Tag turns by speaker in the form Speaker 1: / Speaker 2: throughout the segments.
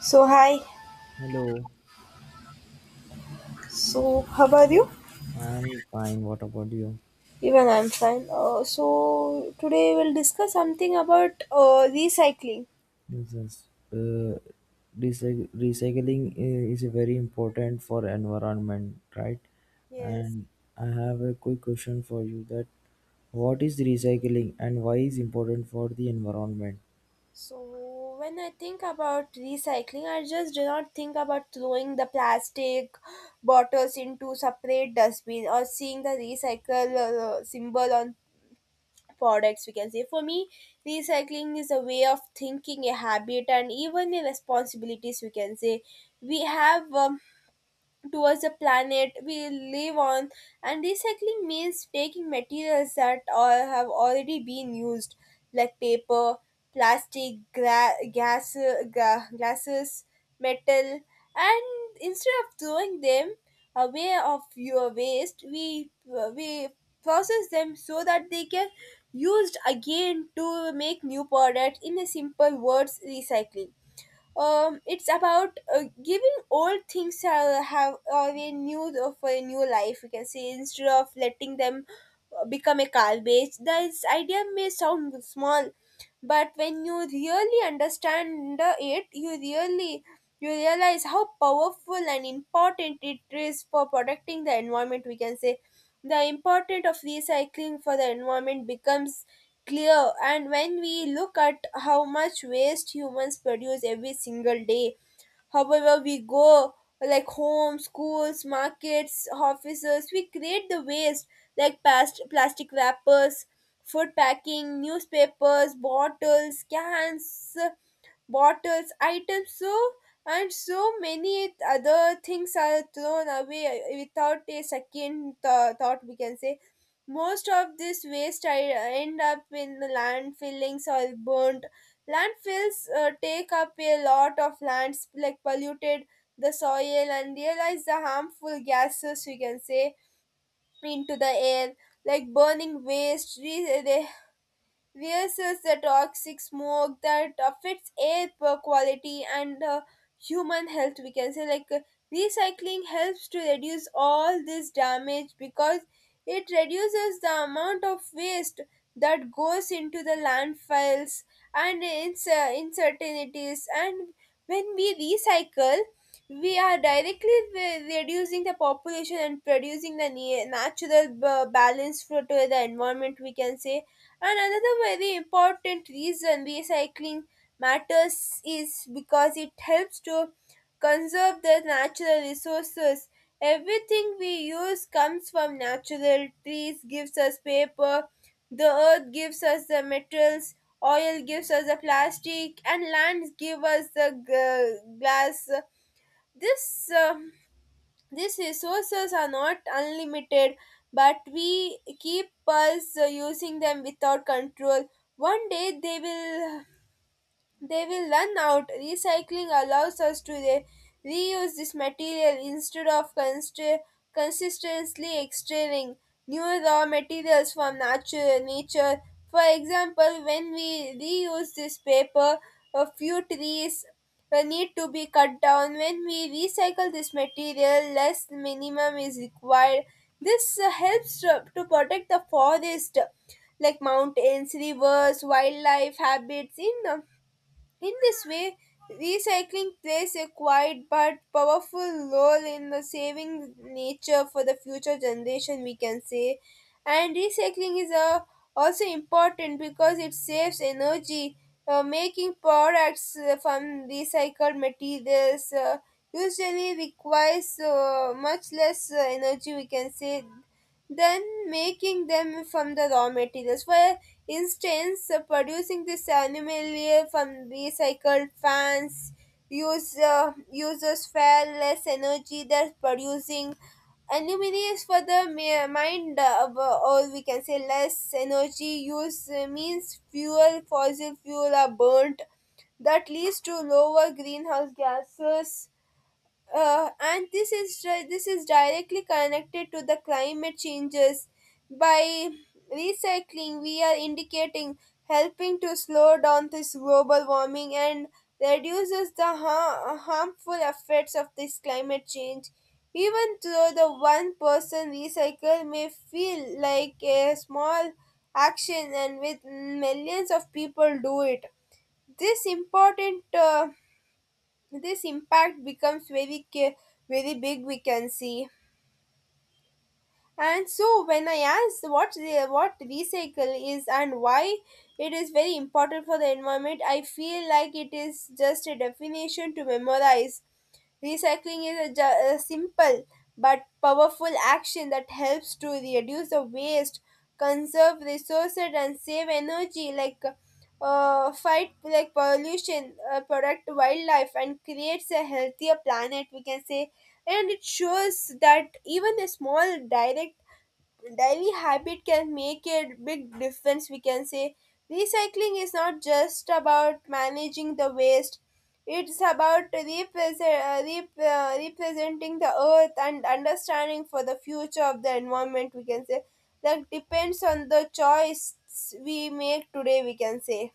Speaker 1: So hi.
Speaker 2: Hello,
Speaker 1: So how are you?
Speaker 2: I'm fine. What about you?
Speaker 1: Even I'm fine. So today we'll discuss something about recycling.
Speaker 2: This is, uh, Recycling is very important for environment, right?
Speaker 1: Yes.
Speaker 2: And I have a quick question for you that what is recycling and why is important for the environment?
Speaker 1: So when I think about recycling, I just do not think about throwing the plastic bottles into separate dustbin or seeing the recycle symbol on products. We can say for me, recycling is a way of thinking, a habit, and even a responsibilities, we can say we have. Towards the planet we live on, and recycling means taking materials that all have already been used, like paper, plastic, gas, glasses, metal, and instead of throwing them away of your waste, we process them so that they can used again to make new products. In a simple words, recycling, it's about giving old things, have a new of a new life, we can say, instead of letting them become a garbage. This idea may sound small, but when you really understand it, you realize how powerful and important it is for protecting the environment. We can say the importance of recycling for the environment becomes clear, and when we look at how much waste humans produce every single day, however we go, like home, schools, markets, offices, we create the waste, like past plastic wrappers, food packing, newspapers, bottles, cans, bottles, items, so, and so many other things are thrown away without a second thought. We can say most of this waste I end up in the landfillings or burnt. Landfills take up a lot of lands, like polluted the soil and realize the harmful gases, we can say, into the air, like burning waste they versus the toxic smoke that affects air quality and human health, we can say, like recycling helps to reduce all this damage because it reduces the amount of waste that goes into the landfills and uncertainties. And when we recycle, we are directly reducing the population and producing the natural balance for to the environment, we can say. And another very important reason recycling matters is because it helps to conserve the natural resources. Everything we use comes from natural: trees gives us paper, the earth gives us the metals, oil gives us the plastic, and lands give us the glass. This these resources are not unlimited, but we keep us using them without control. One day they will run out. Recycling allows us to reuse this material instead of consistently extracting new raw materials from nature. For example, when we reuse this paper, a few trees need to be cut down. When we recycle this material, less minimum is required. This helps to protect the forest, like mountains, rivers, wildlife habits, in this way, recycling plays a quiet but powerful role in the saving nature for the future generation, we can say. And recycling is also important because it saves energy. Making products from recycled materials usually requires much less energy, we can say, than making them from the raw materials. For instance, producing this aluminium from recycled fans uses far less energy than producing aluminium is for the mind, or we can say less energy use means fossil fuel are burnt. That leads to lower greenhouse gases and this is directly connected to the climate changes. By recycling, we are indicating helping to slow down this global warming and reduces the harmful effects of this climate change. Even though the one person recycle may feel like a small action, and with millions of people do it, this important uh, this impact becomes very big, we can see. And so when I asked what recycle is and why it is very important for the environment, I feel like it is just a definition to memorize. Recycling is a simple but powerful action that helps to reduce the waste, conserve resources, and save energy, like fight like pollution, protect wildlife, and creates a healthier planet, we can say. And it shows that even a small direct daily habit can make a big difference, we can say. Recycling is not just about managing the waste, it's about representing the earth and understanding for the future of the environment, we can say, that depends on the choice we make today, we can say.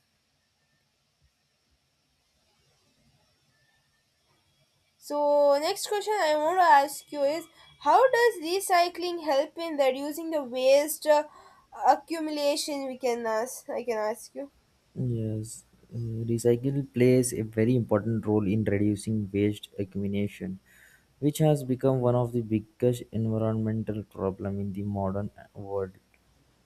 Speaker 1: So next question I want to ask you is how does recycling help in reducing the waste accumulation, we can ask I can ask you.
Speaker 2: Yes, uh, recycle plays a very important role in reducing waste accumulation, which has become one of the biggest environmental problem in the modern world.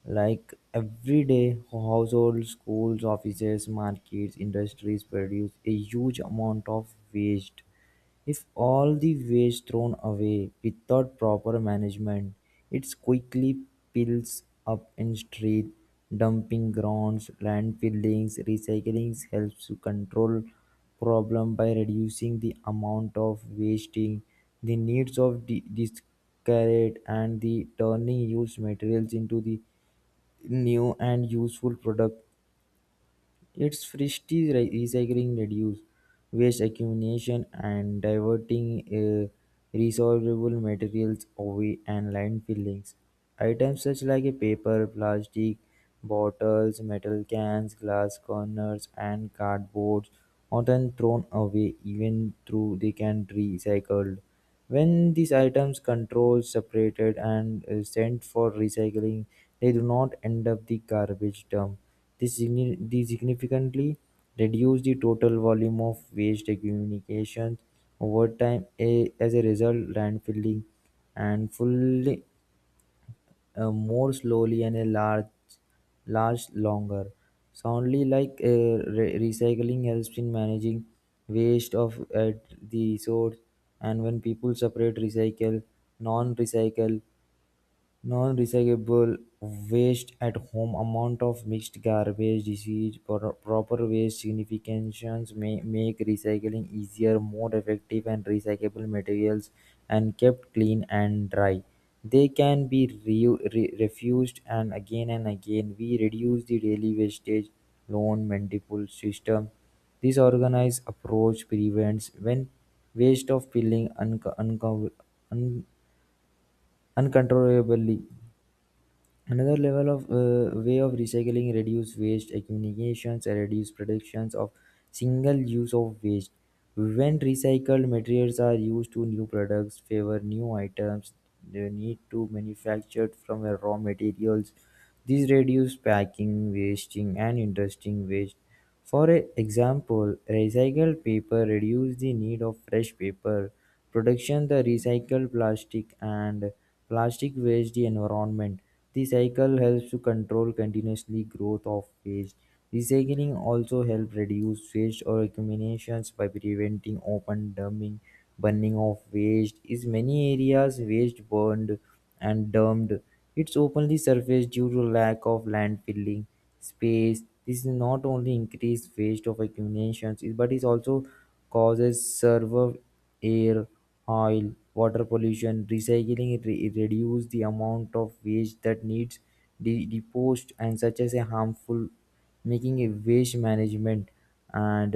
Speaker 2: Like every day, households, schools, offices, markets, industries produce a huge amount of waste if all the waste thrown away without proper management, it quickly piles up in street dumping grounds, landfills. Recycling helps to control problem by reducing the amount of wasting, the needs of the discard and the turning used materials into the new and useful product. Recycling reduce waste accumulation and diverting resolvable materials away and landfillings. Items such like a paper, plastic, bottles, metal cans, glass corners, and cardboards often thrown away even though they can be recycled. When these items controls separated and sent for recycling, they do not end up the garbage dump. This significantly reduce the total volume of waste accumulation over time. As a result, landfilling and fully more slowly and a large longer. Soundly like recycling helps in managing waste of at the source, and when people separate recycle, non-recycle, non-recyclable waste at home amount of mixed garbage, disease, proper waste significations may make recycling easier, more effective and recyclable materials and kept clean and dry. They can be refused and again and again. We reduce the daily wastage, loan, multiple system. This organized approach prevents when waste of filling un- uncontrollably. Another level of way of recycling reduce waste accumulations and reduce productions of single use of waste. When recycled materials are used to new products, favor new items, they need to manufactured from a raw materials. These reduce packing, wasting, and interesting waste. For example, recycled paper reduces the need of fresh paper, production the recycled plastic and plastic waste the environment. The cycle helps to control continuously growth of waste. Recycling also helps reduce waste or accumulations by preventing open dumping, burning of waste. In many areas, waste burned and dumped. It's openly surfaced due to lack of landfilling space. This is not only increased waste of accumulations, but it also causes server air, oil, water pollution. Reduce the amount of waste that needs deposed and such as a harmful, making a waste management and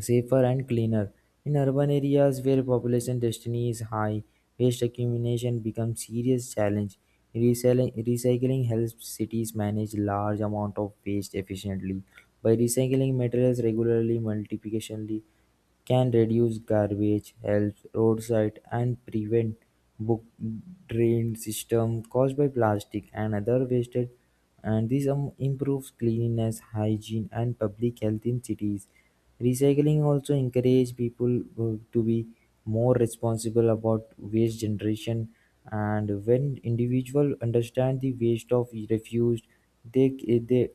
Speaker 2: safer and cleaner. In urban areas where population density is high, waste accumulation becomes serious challenge. Recycling helps cities manage large amount of waste efficiently. By recycling materials regularly, multiplicationally, can reduce garbage, help roadside, and prevent book drain system caused by plastic and other wasted. And this improves cleanliness hygiene and public health in cities. Recycling also encourage people to be more responsible about waste generation. And when individuals understand the waste of refuse, they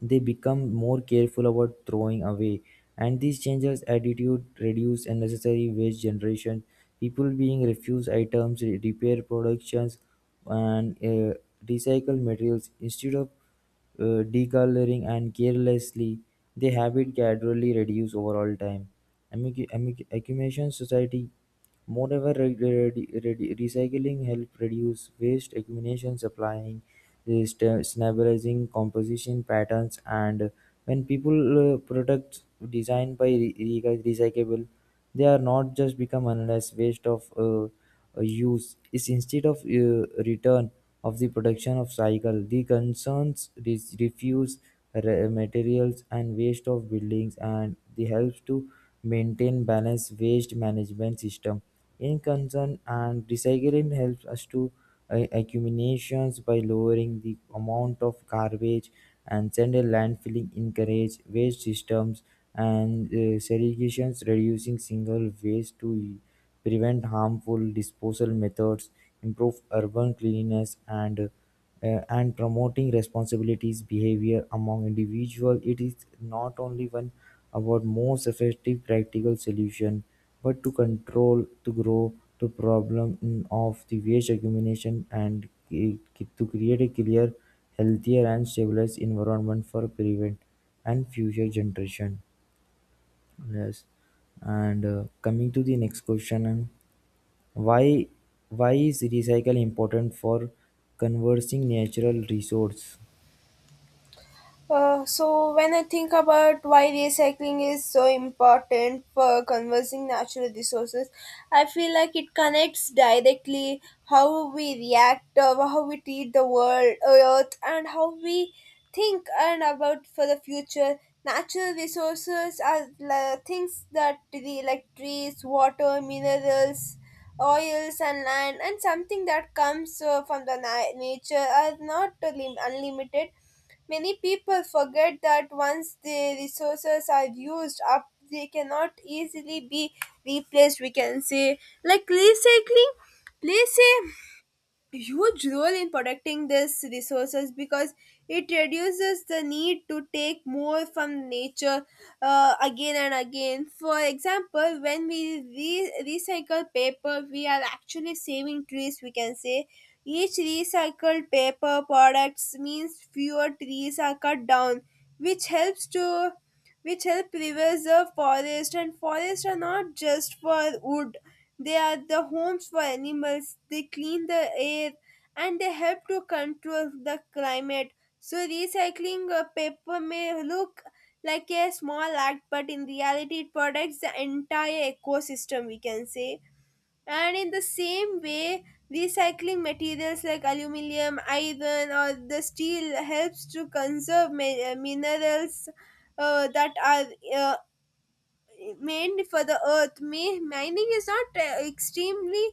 Speaker 2: they become more careful about throwing away, and this changes attitude, reduce unnecessary waste generation. People being refuse items, repair productions, and recycle materials instead of decoloring and carelessly. The habit gradually reduce over all time. Accumulation society. Moreover, recycling helps reduce waste eliminations, applying stabilizing composition patterns, and when people products designed by recyclable, they are not just become endless waste of. Use is instead of return of the production of cycle. The concerns is refuse materials and waste of buildings and the helps to maintain balanced waste management system. In concern and recycling helps us to accumulations by lowering the amount of garbage and central landfilling encourage waste systems and segregations reducing single waste to prevent harmful disposal methods, improve urban cleanliness and promoting responsibilities behavior among individuals. It is not only one about most effective practical solution but to control to grow to problem of the waste accumulation and to create a clear healthier and stabilized environment for prevent and future generation. Yes, and coming to the next question, why why is recycle important for conserving natural resource?
Speaker 1: So when I think about why recycling is so important for conserving natural resources, I feel like it connects directly how we treat the world, earth, and how we think and about for the future. Natural resources are things that like trees, water, minerals, oils and land, and something that comes from the nature are not unlimited. Many people forget that once the resources are used up, they cannot easily be replaced, we can say. Like recycling please say huge role in protecting these resources because it reduces the need to take more from nature again and again. For example, when we recycle paper, we are actually saving trees, we can say. Each recycled paper products means fewer trees are cut down, which helps to which help preserve forest, and forests are not just for wood, they are the homes for animals, they clean the air, and they help to control the climate. So recycling a paper may look like a small act, but in reality it protects the entire ecosystem, we can say. And in the same way, recycling materials like aluminum, iron, or the steel helps to conserve minerals that are uh, meant for the earth. Mining is not extremely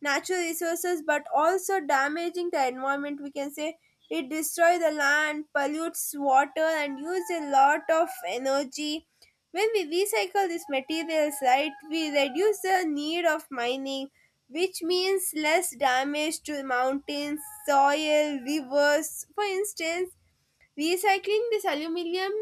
Speaker 1: natural resources but also damaging the environment, we can say. It destroys the land, pollutes water, and uses a lot of energy. When we recycle these materials, right, we reduce the need of mining, which means less damage to mountains, soil, rivers. For instance, recycling this aluminium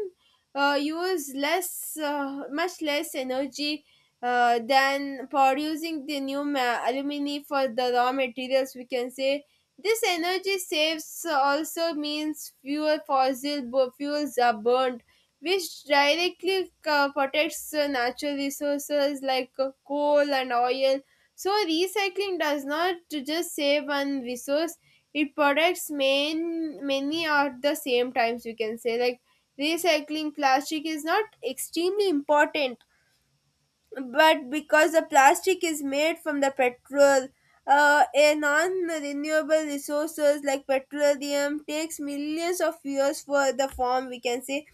Speaker 1: use much less energy than producing the new alumini for the raw materials, we can say. This energy saves also means fewer fossil fuels are burned, which directly protects natural resources like coal and oil. So, recycling does not just save one resource, it protects many at the same times, we can say. Like, recycling plastic is not extremely important, but because the plastic is made from the petrol, a non-renewable resources like petroleum takes millions of years for the form, we can say.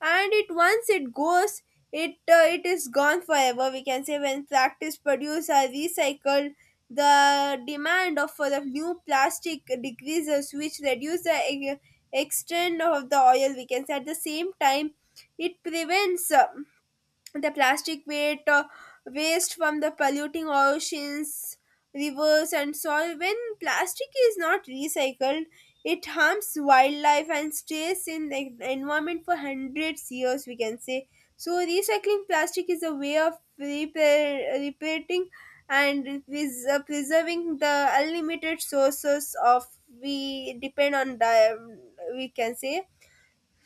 Speaker 1: And it once it goes, it is gone forever, we can say. When practice produce are recycled, the demand of for the new plastic decreases, which reduce the extent of the oil, we can say. At the same time, it prevents the plastic weight waste from the polluting oceans, rivers and soil. When plastic is not recycled, it harms wildlife and stays in the environment for hundreds years, we can say. So recycling plastic is a way of repairing and preserving the unlimited sources of we depend on the, we can say.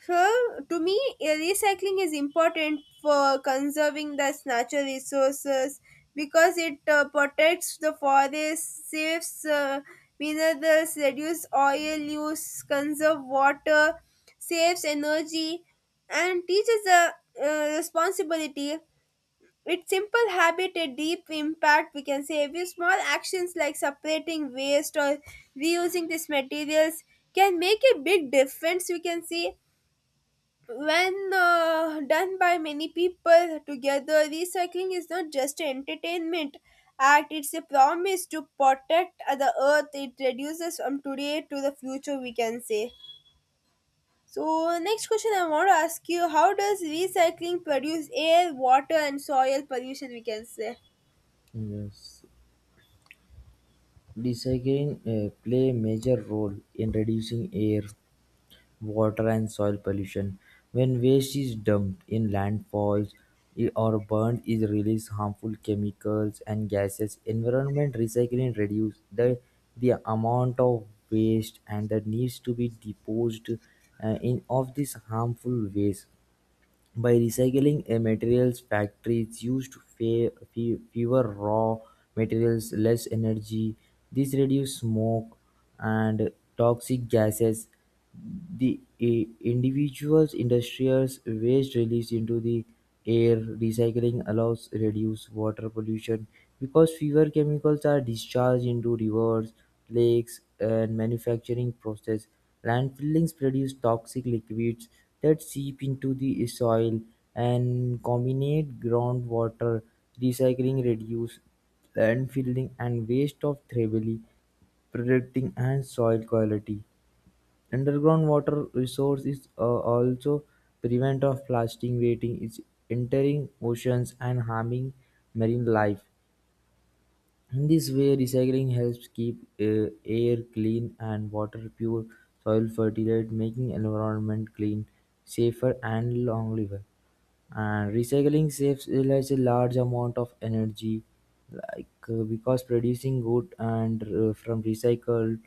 Speaker 1: So, to me, recycling is important for conserving the natural resources because it protects the forest, saves minerals, reduces oil use, conserve water, saves energy, and teaches the responsibility. It's simple habit, a deep impact, we can say. Every small actions like separating waste or reusing these materials can make a big difference, we can see. When done by many people together, recycling is not just an entertainment act, it's a promise to protect the earth. It reduces from today to the future, we can say. So, next question I want to ask you: how does recycling produce air, water, and soil pollution, we can say.
Speaker 2: Yes. Recycling play a major role in reducing air, water, and soil pollution. When waste is dumped in landfills or burned, it releases harmful chemicals and gases. Environment recycling reduces the amount of waste and that needs to be disposed in of this harmful waste. By recycling a materials, factories used fewer raw materials, less energy. This reduces smoke and toxic gases. The individuals' industrials waste released into the air. Recycling allows reduce water pollution because fewer chemicals are discharged into rivers, lakes, and manufacturing process. Landfillings produce toxic liquids that seep into the soil and contaminate groundwater. Recycling reduces landfilling and waste of thrively, protecting and soil quality. Underground water resource is also prevent of plastic waiting is entering oceans and harming marine life. In this way, recycling helps keep air clean and water pure, soil fertile, making environment clean, safer and long liver. And recycling saves relies a large amount of energy, because producing good and from recycled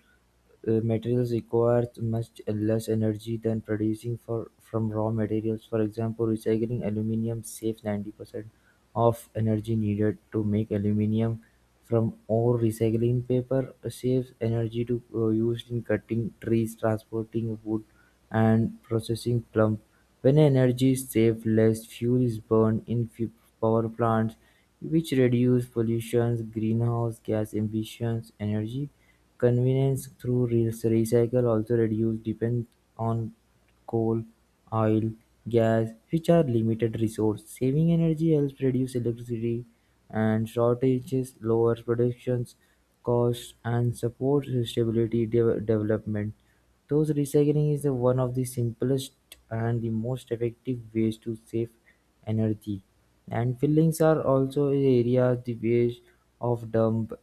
Speaker 2: materials require much less energy than producing for from raw materials. For example, recycling aluminum saves 90% of energy needed to make aluminum from ore. Recycling paper saves energy to used in cutting trees, transporting wood, and processing plum. When energy is saved, less fuel is burned in power plants, which reduce pollution, greenhouse gas emissions, energy. Convenience through recycle also reduces dependence on coal, oil, gas, which are limited resource. Saving energy helps reduce electricity and shortages, lowers production costs, and supports stability development. Those recycling is the one of the simplest and the most effective ways to save energy. And fillings are also areas the waste of dump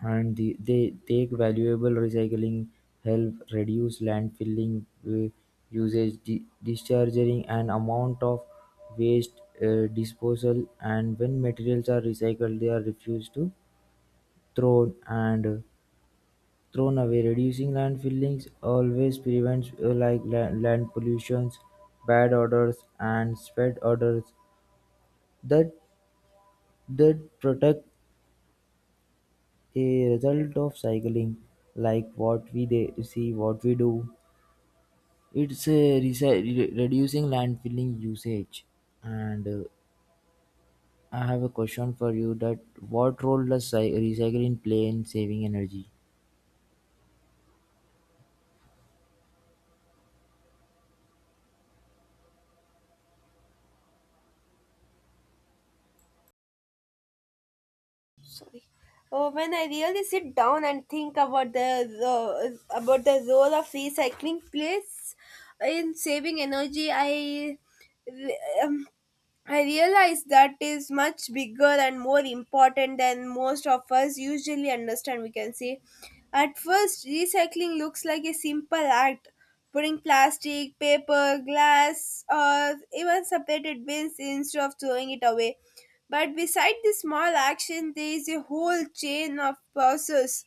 Speaker 2: and they take valuable recycling, help reduce landfilling usage, discharging and amount of waste disposal. And when materials are recycled, they are refused to thrown and uh, thrown away. Reducing landfillings always prevents land pollutions, bad odors, and spread odors that that protect a result of cycling, like what we see, what we do. It's reducing landfilling usage. And I have a question for you that what role does recycling play in saving energy?
Speaker 1: Oh, when I really sit down and think about the ro- about the role of recycling plays in saving energy, re- um, I realize that is much bigger and more important than most of us usually understand, we can say. At first, recycling looks like a simple act. Putting plastic, paper, glass, or even separated bins instead of throwing it away, but beside the small action, there is a whole chain of process,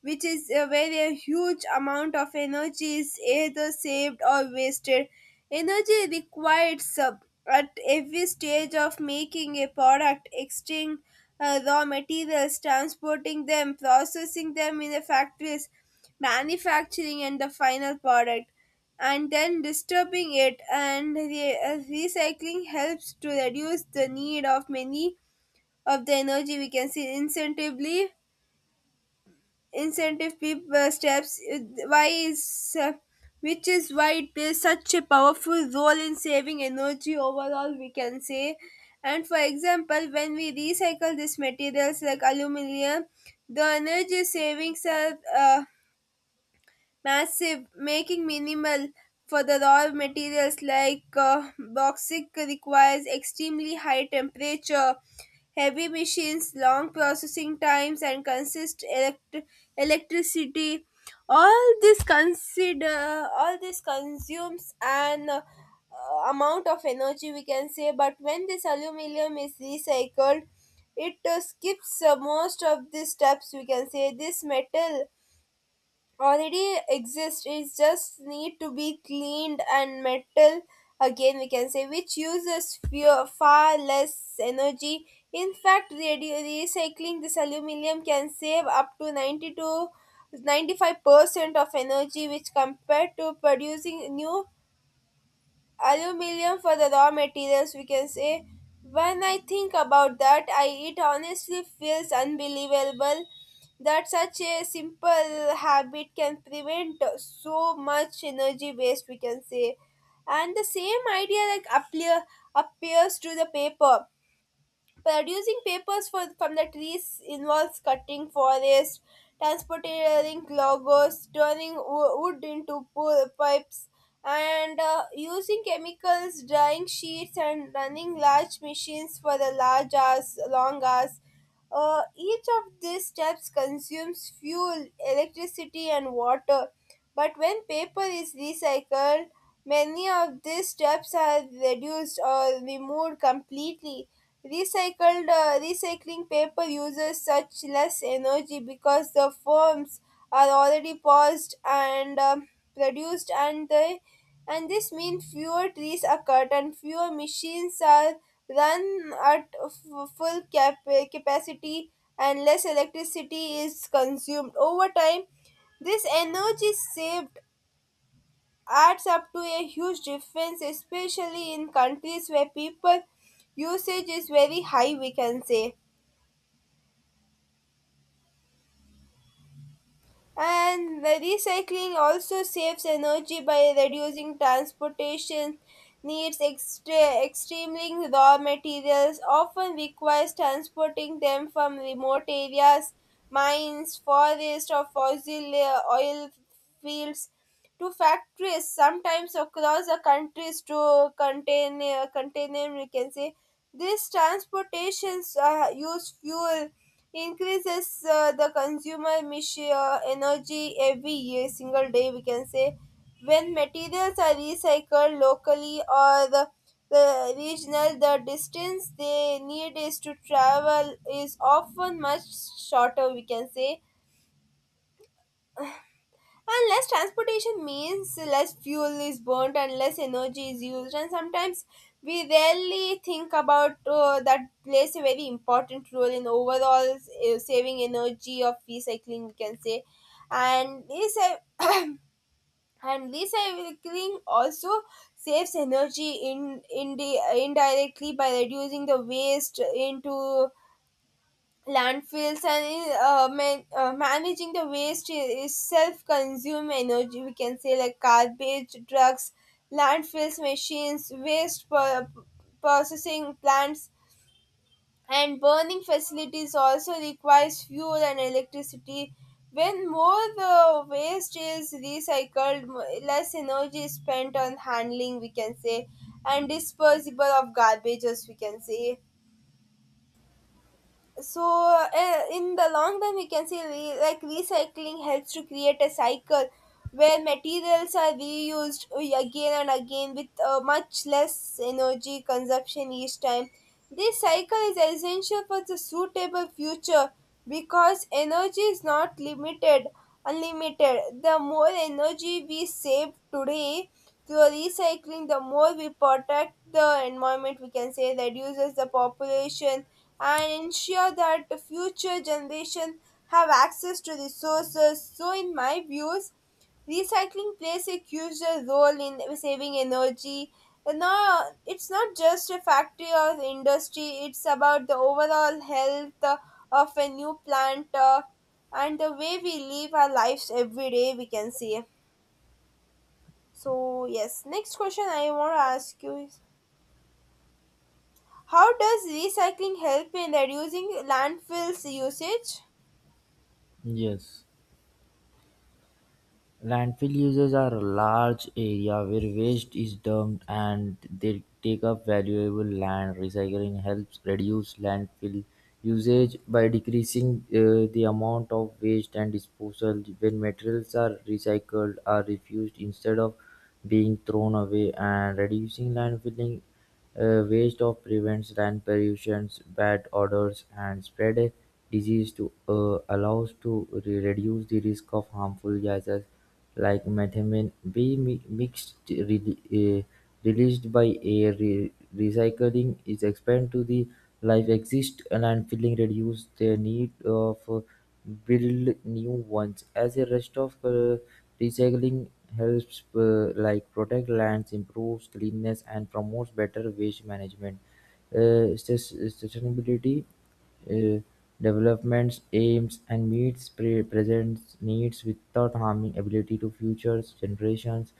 Speaker 1: which is where a huge amount of energy is either saved or wasted. Energy required sub at every stage of making a product, extracting raw materials, transporting them, processing them in the factories, manufacturing and the final product, and then disturbing it and recycling helps to reduce the need of many of the energy we can see incentively, steps, why is which is why it plays such a powerful role in saving energy overall, we can say. And for example, when we recycle these materials like aluminum, the energy savings are uh, massive, making minimal for the raw materials like bauxite requires extremely high temperature, heavy machines, long processing times, and electricity. All this consumes an amount of energy, we can say, but when this aluminium is recycled, it skips most of these steps, we can say. This metal already exist, it just need to be cleaned and metal again, we can say, which uses few, far less energy. In fact, recycling this aluminum can save up to 92 95% of energy which compared to producing new aluminium for the raw materials, we can say. When I think about that, I it honestly feels unbelievable that such a simple habit can prevent so much energy waste, we can say. And the same idea like appears to the paper. Producing papers from the trees involves cutting forests, transporting logos, turning wood into pipes, and using chemicals, drying sheets, and running large machines for the long hours. Each of these steps consumes fuel, electricity, and water. But when paper is recycled, many of these steps are reduced or removed completely. Recycled recycling paper uses such less energy because the forms are already paused and produced, and they and this means fewer trees are cut and fewer machines are run at capacity and less electricity is consumed. Over time, this energy saved adds up to a huge difference, especially in countries where people usage is very high, we can say. And the recycling also saves energy by reducing transportation needs. Extremely raw materials often requires transporting them from remote areas, mines, forests, or fossil oil fields to factories sometimes across the countries to contain them, we can say. These transportations use fuel, increases the consumer emission, energy every year, single day, we can say. When materials are recycled locally or the regional, the distance they need is to travel is often much shorter, we can say, and less transportation means less fuel is burnt and less energy is used. And sometimes we rarely think about that plays a very important role in overall saving energy of recycling, we can say. And this and recycling also saves energy in indirectly by reducing the waste into landfills, and managing the waste is self-consume energy, we can say, like garbage drugs, landfills machines, processing plants and burning facilities also requires fuel and electricity. When more the waste is recycled, less energy is spent on handling, we can say, and disposable of garbages, we can say. So in the long run, we can say, recycling helps to create a cycle where materials are reused again and again with much less energy consumption each time. This cycle is essential for the suitable future because energy is not limited, unlimited. The more energy we save today through recycling, the more we protect the environment, we can say, reduces the population and ensure that the future generations have access to resources. So, in my views, recycling plays a crucial role in saving energy. And now, it's not just a factory or industry, it's about the overall health of a new plant, and the way we live our lives every day, we can see. So, yes, next question I want to ask you is how does recycling help in reducing landfills usage?
Speaker 2: Yes, landfill uses are a large area where waste is dumped and they take up valuable land. Recycling helps reduce landfill usage by decreasing the amount of waste and disposal when materials are recycled or refused instead of being thrown away and reducing landfilling a waste of prevents land pollution, bad odors and spread a disease to allows to reduce the risk of harmful gases like methane be mixed released by air. Recycling is expand to the life exist and landfilling reduce the need of build new ones as a rest of recycling. Helps like protect lands, improves cleanliness, and promotes better waste management. Sustainability uh, developments aims and meets present needs without harming ability to future generations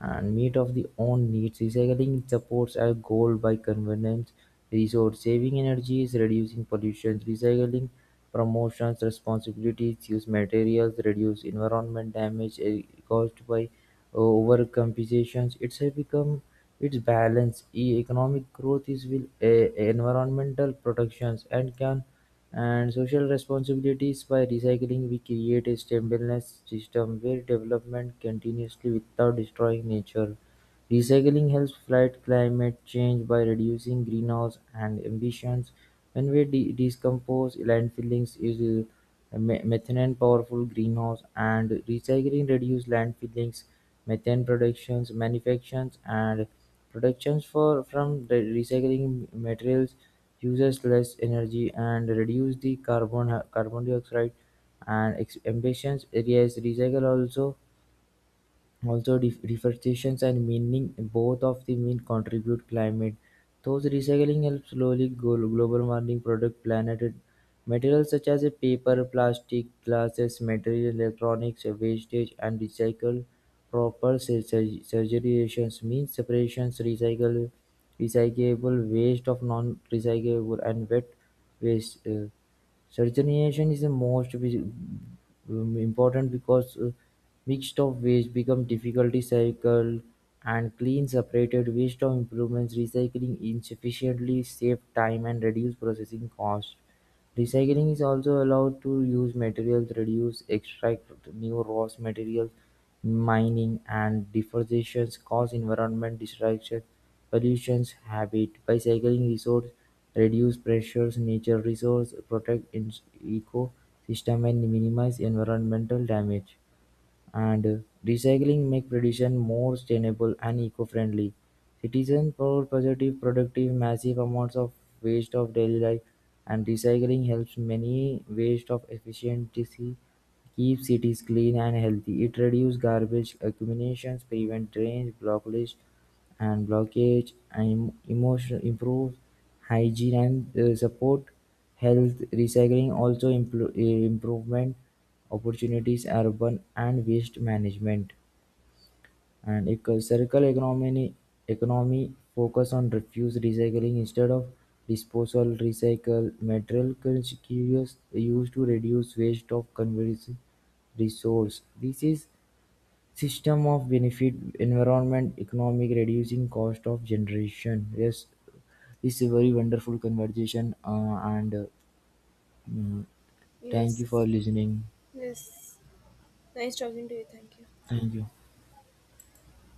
Speaker 2: and meet of the own needs. Recycling supports our goal by convenience, resource-saving energies, reducing pollution. Recycling promotions responsibilities, use materials, reduce environment damage caused by overcompensation. It's have become its balance. Economic growth is will environmental protections and can and social responsibilities by recycling we create a stabilized system where development continuously without destroying nature. Recycling helps fight climate change by reducing greenhouse and emissions. When we decompose landfillings is methane powerful greenhouse and recycling reduce landfillings methane productions manufactures and productions for from the recycling materials uses less energy and reduce the carbon dioxide and emissions areas recycle also. Although deforestation and mining, both of the mean contribute climate, those recycling helps slowly global warming product planet materials such as paper, plastic, glasses, material, electronics, wastage and recycle proper surgeries means separations, recycle recyclable waste of non recyclable and wet waste. Sortation is the most important because mixed of waste become difficult to cycle and clean separated waste of improvements recycling efficiently save time and reduce processing cost. Recycling is also allowed to use materials reduce extract new raw materials; mining and deforestation cause environment destruction, pollution, habit. By cycling resource, reduce pressures, nature resource, protect ecosystem and minimize environmental damage and recycling make production more sustainable and eco-friendly. Citizens for positive productive massive amounts of waste of daily life and recycling helps many waste of efficiency keep cities clean and healthy. It reduces garbage accumulations, prevent drains, blockage, and emotional improve hygiene and support health recycling also improvement opportunities urban and waste management and circular economy focus on refuse recycling instead of disposal recycle material curious used to reduce waste of conversion resource. This is system of benefit environment economic, reducing cost of generation. Yes, it's a very wonderful conversation, mm, thank you
Speaker 1: Yes.
Speaker 2: for listening.
Speaker 1: Yes. Nice
Speaker 2: Thank you.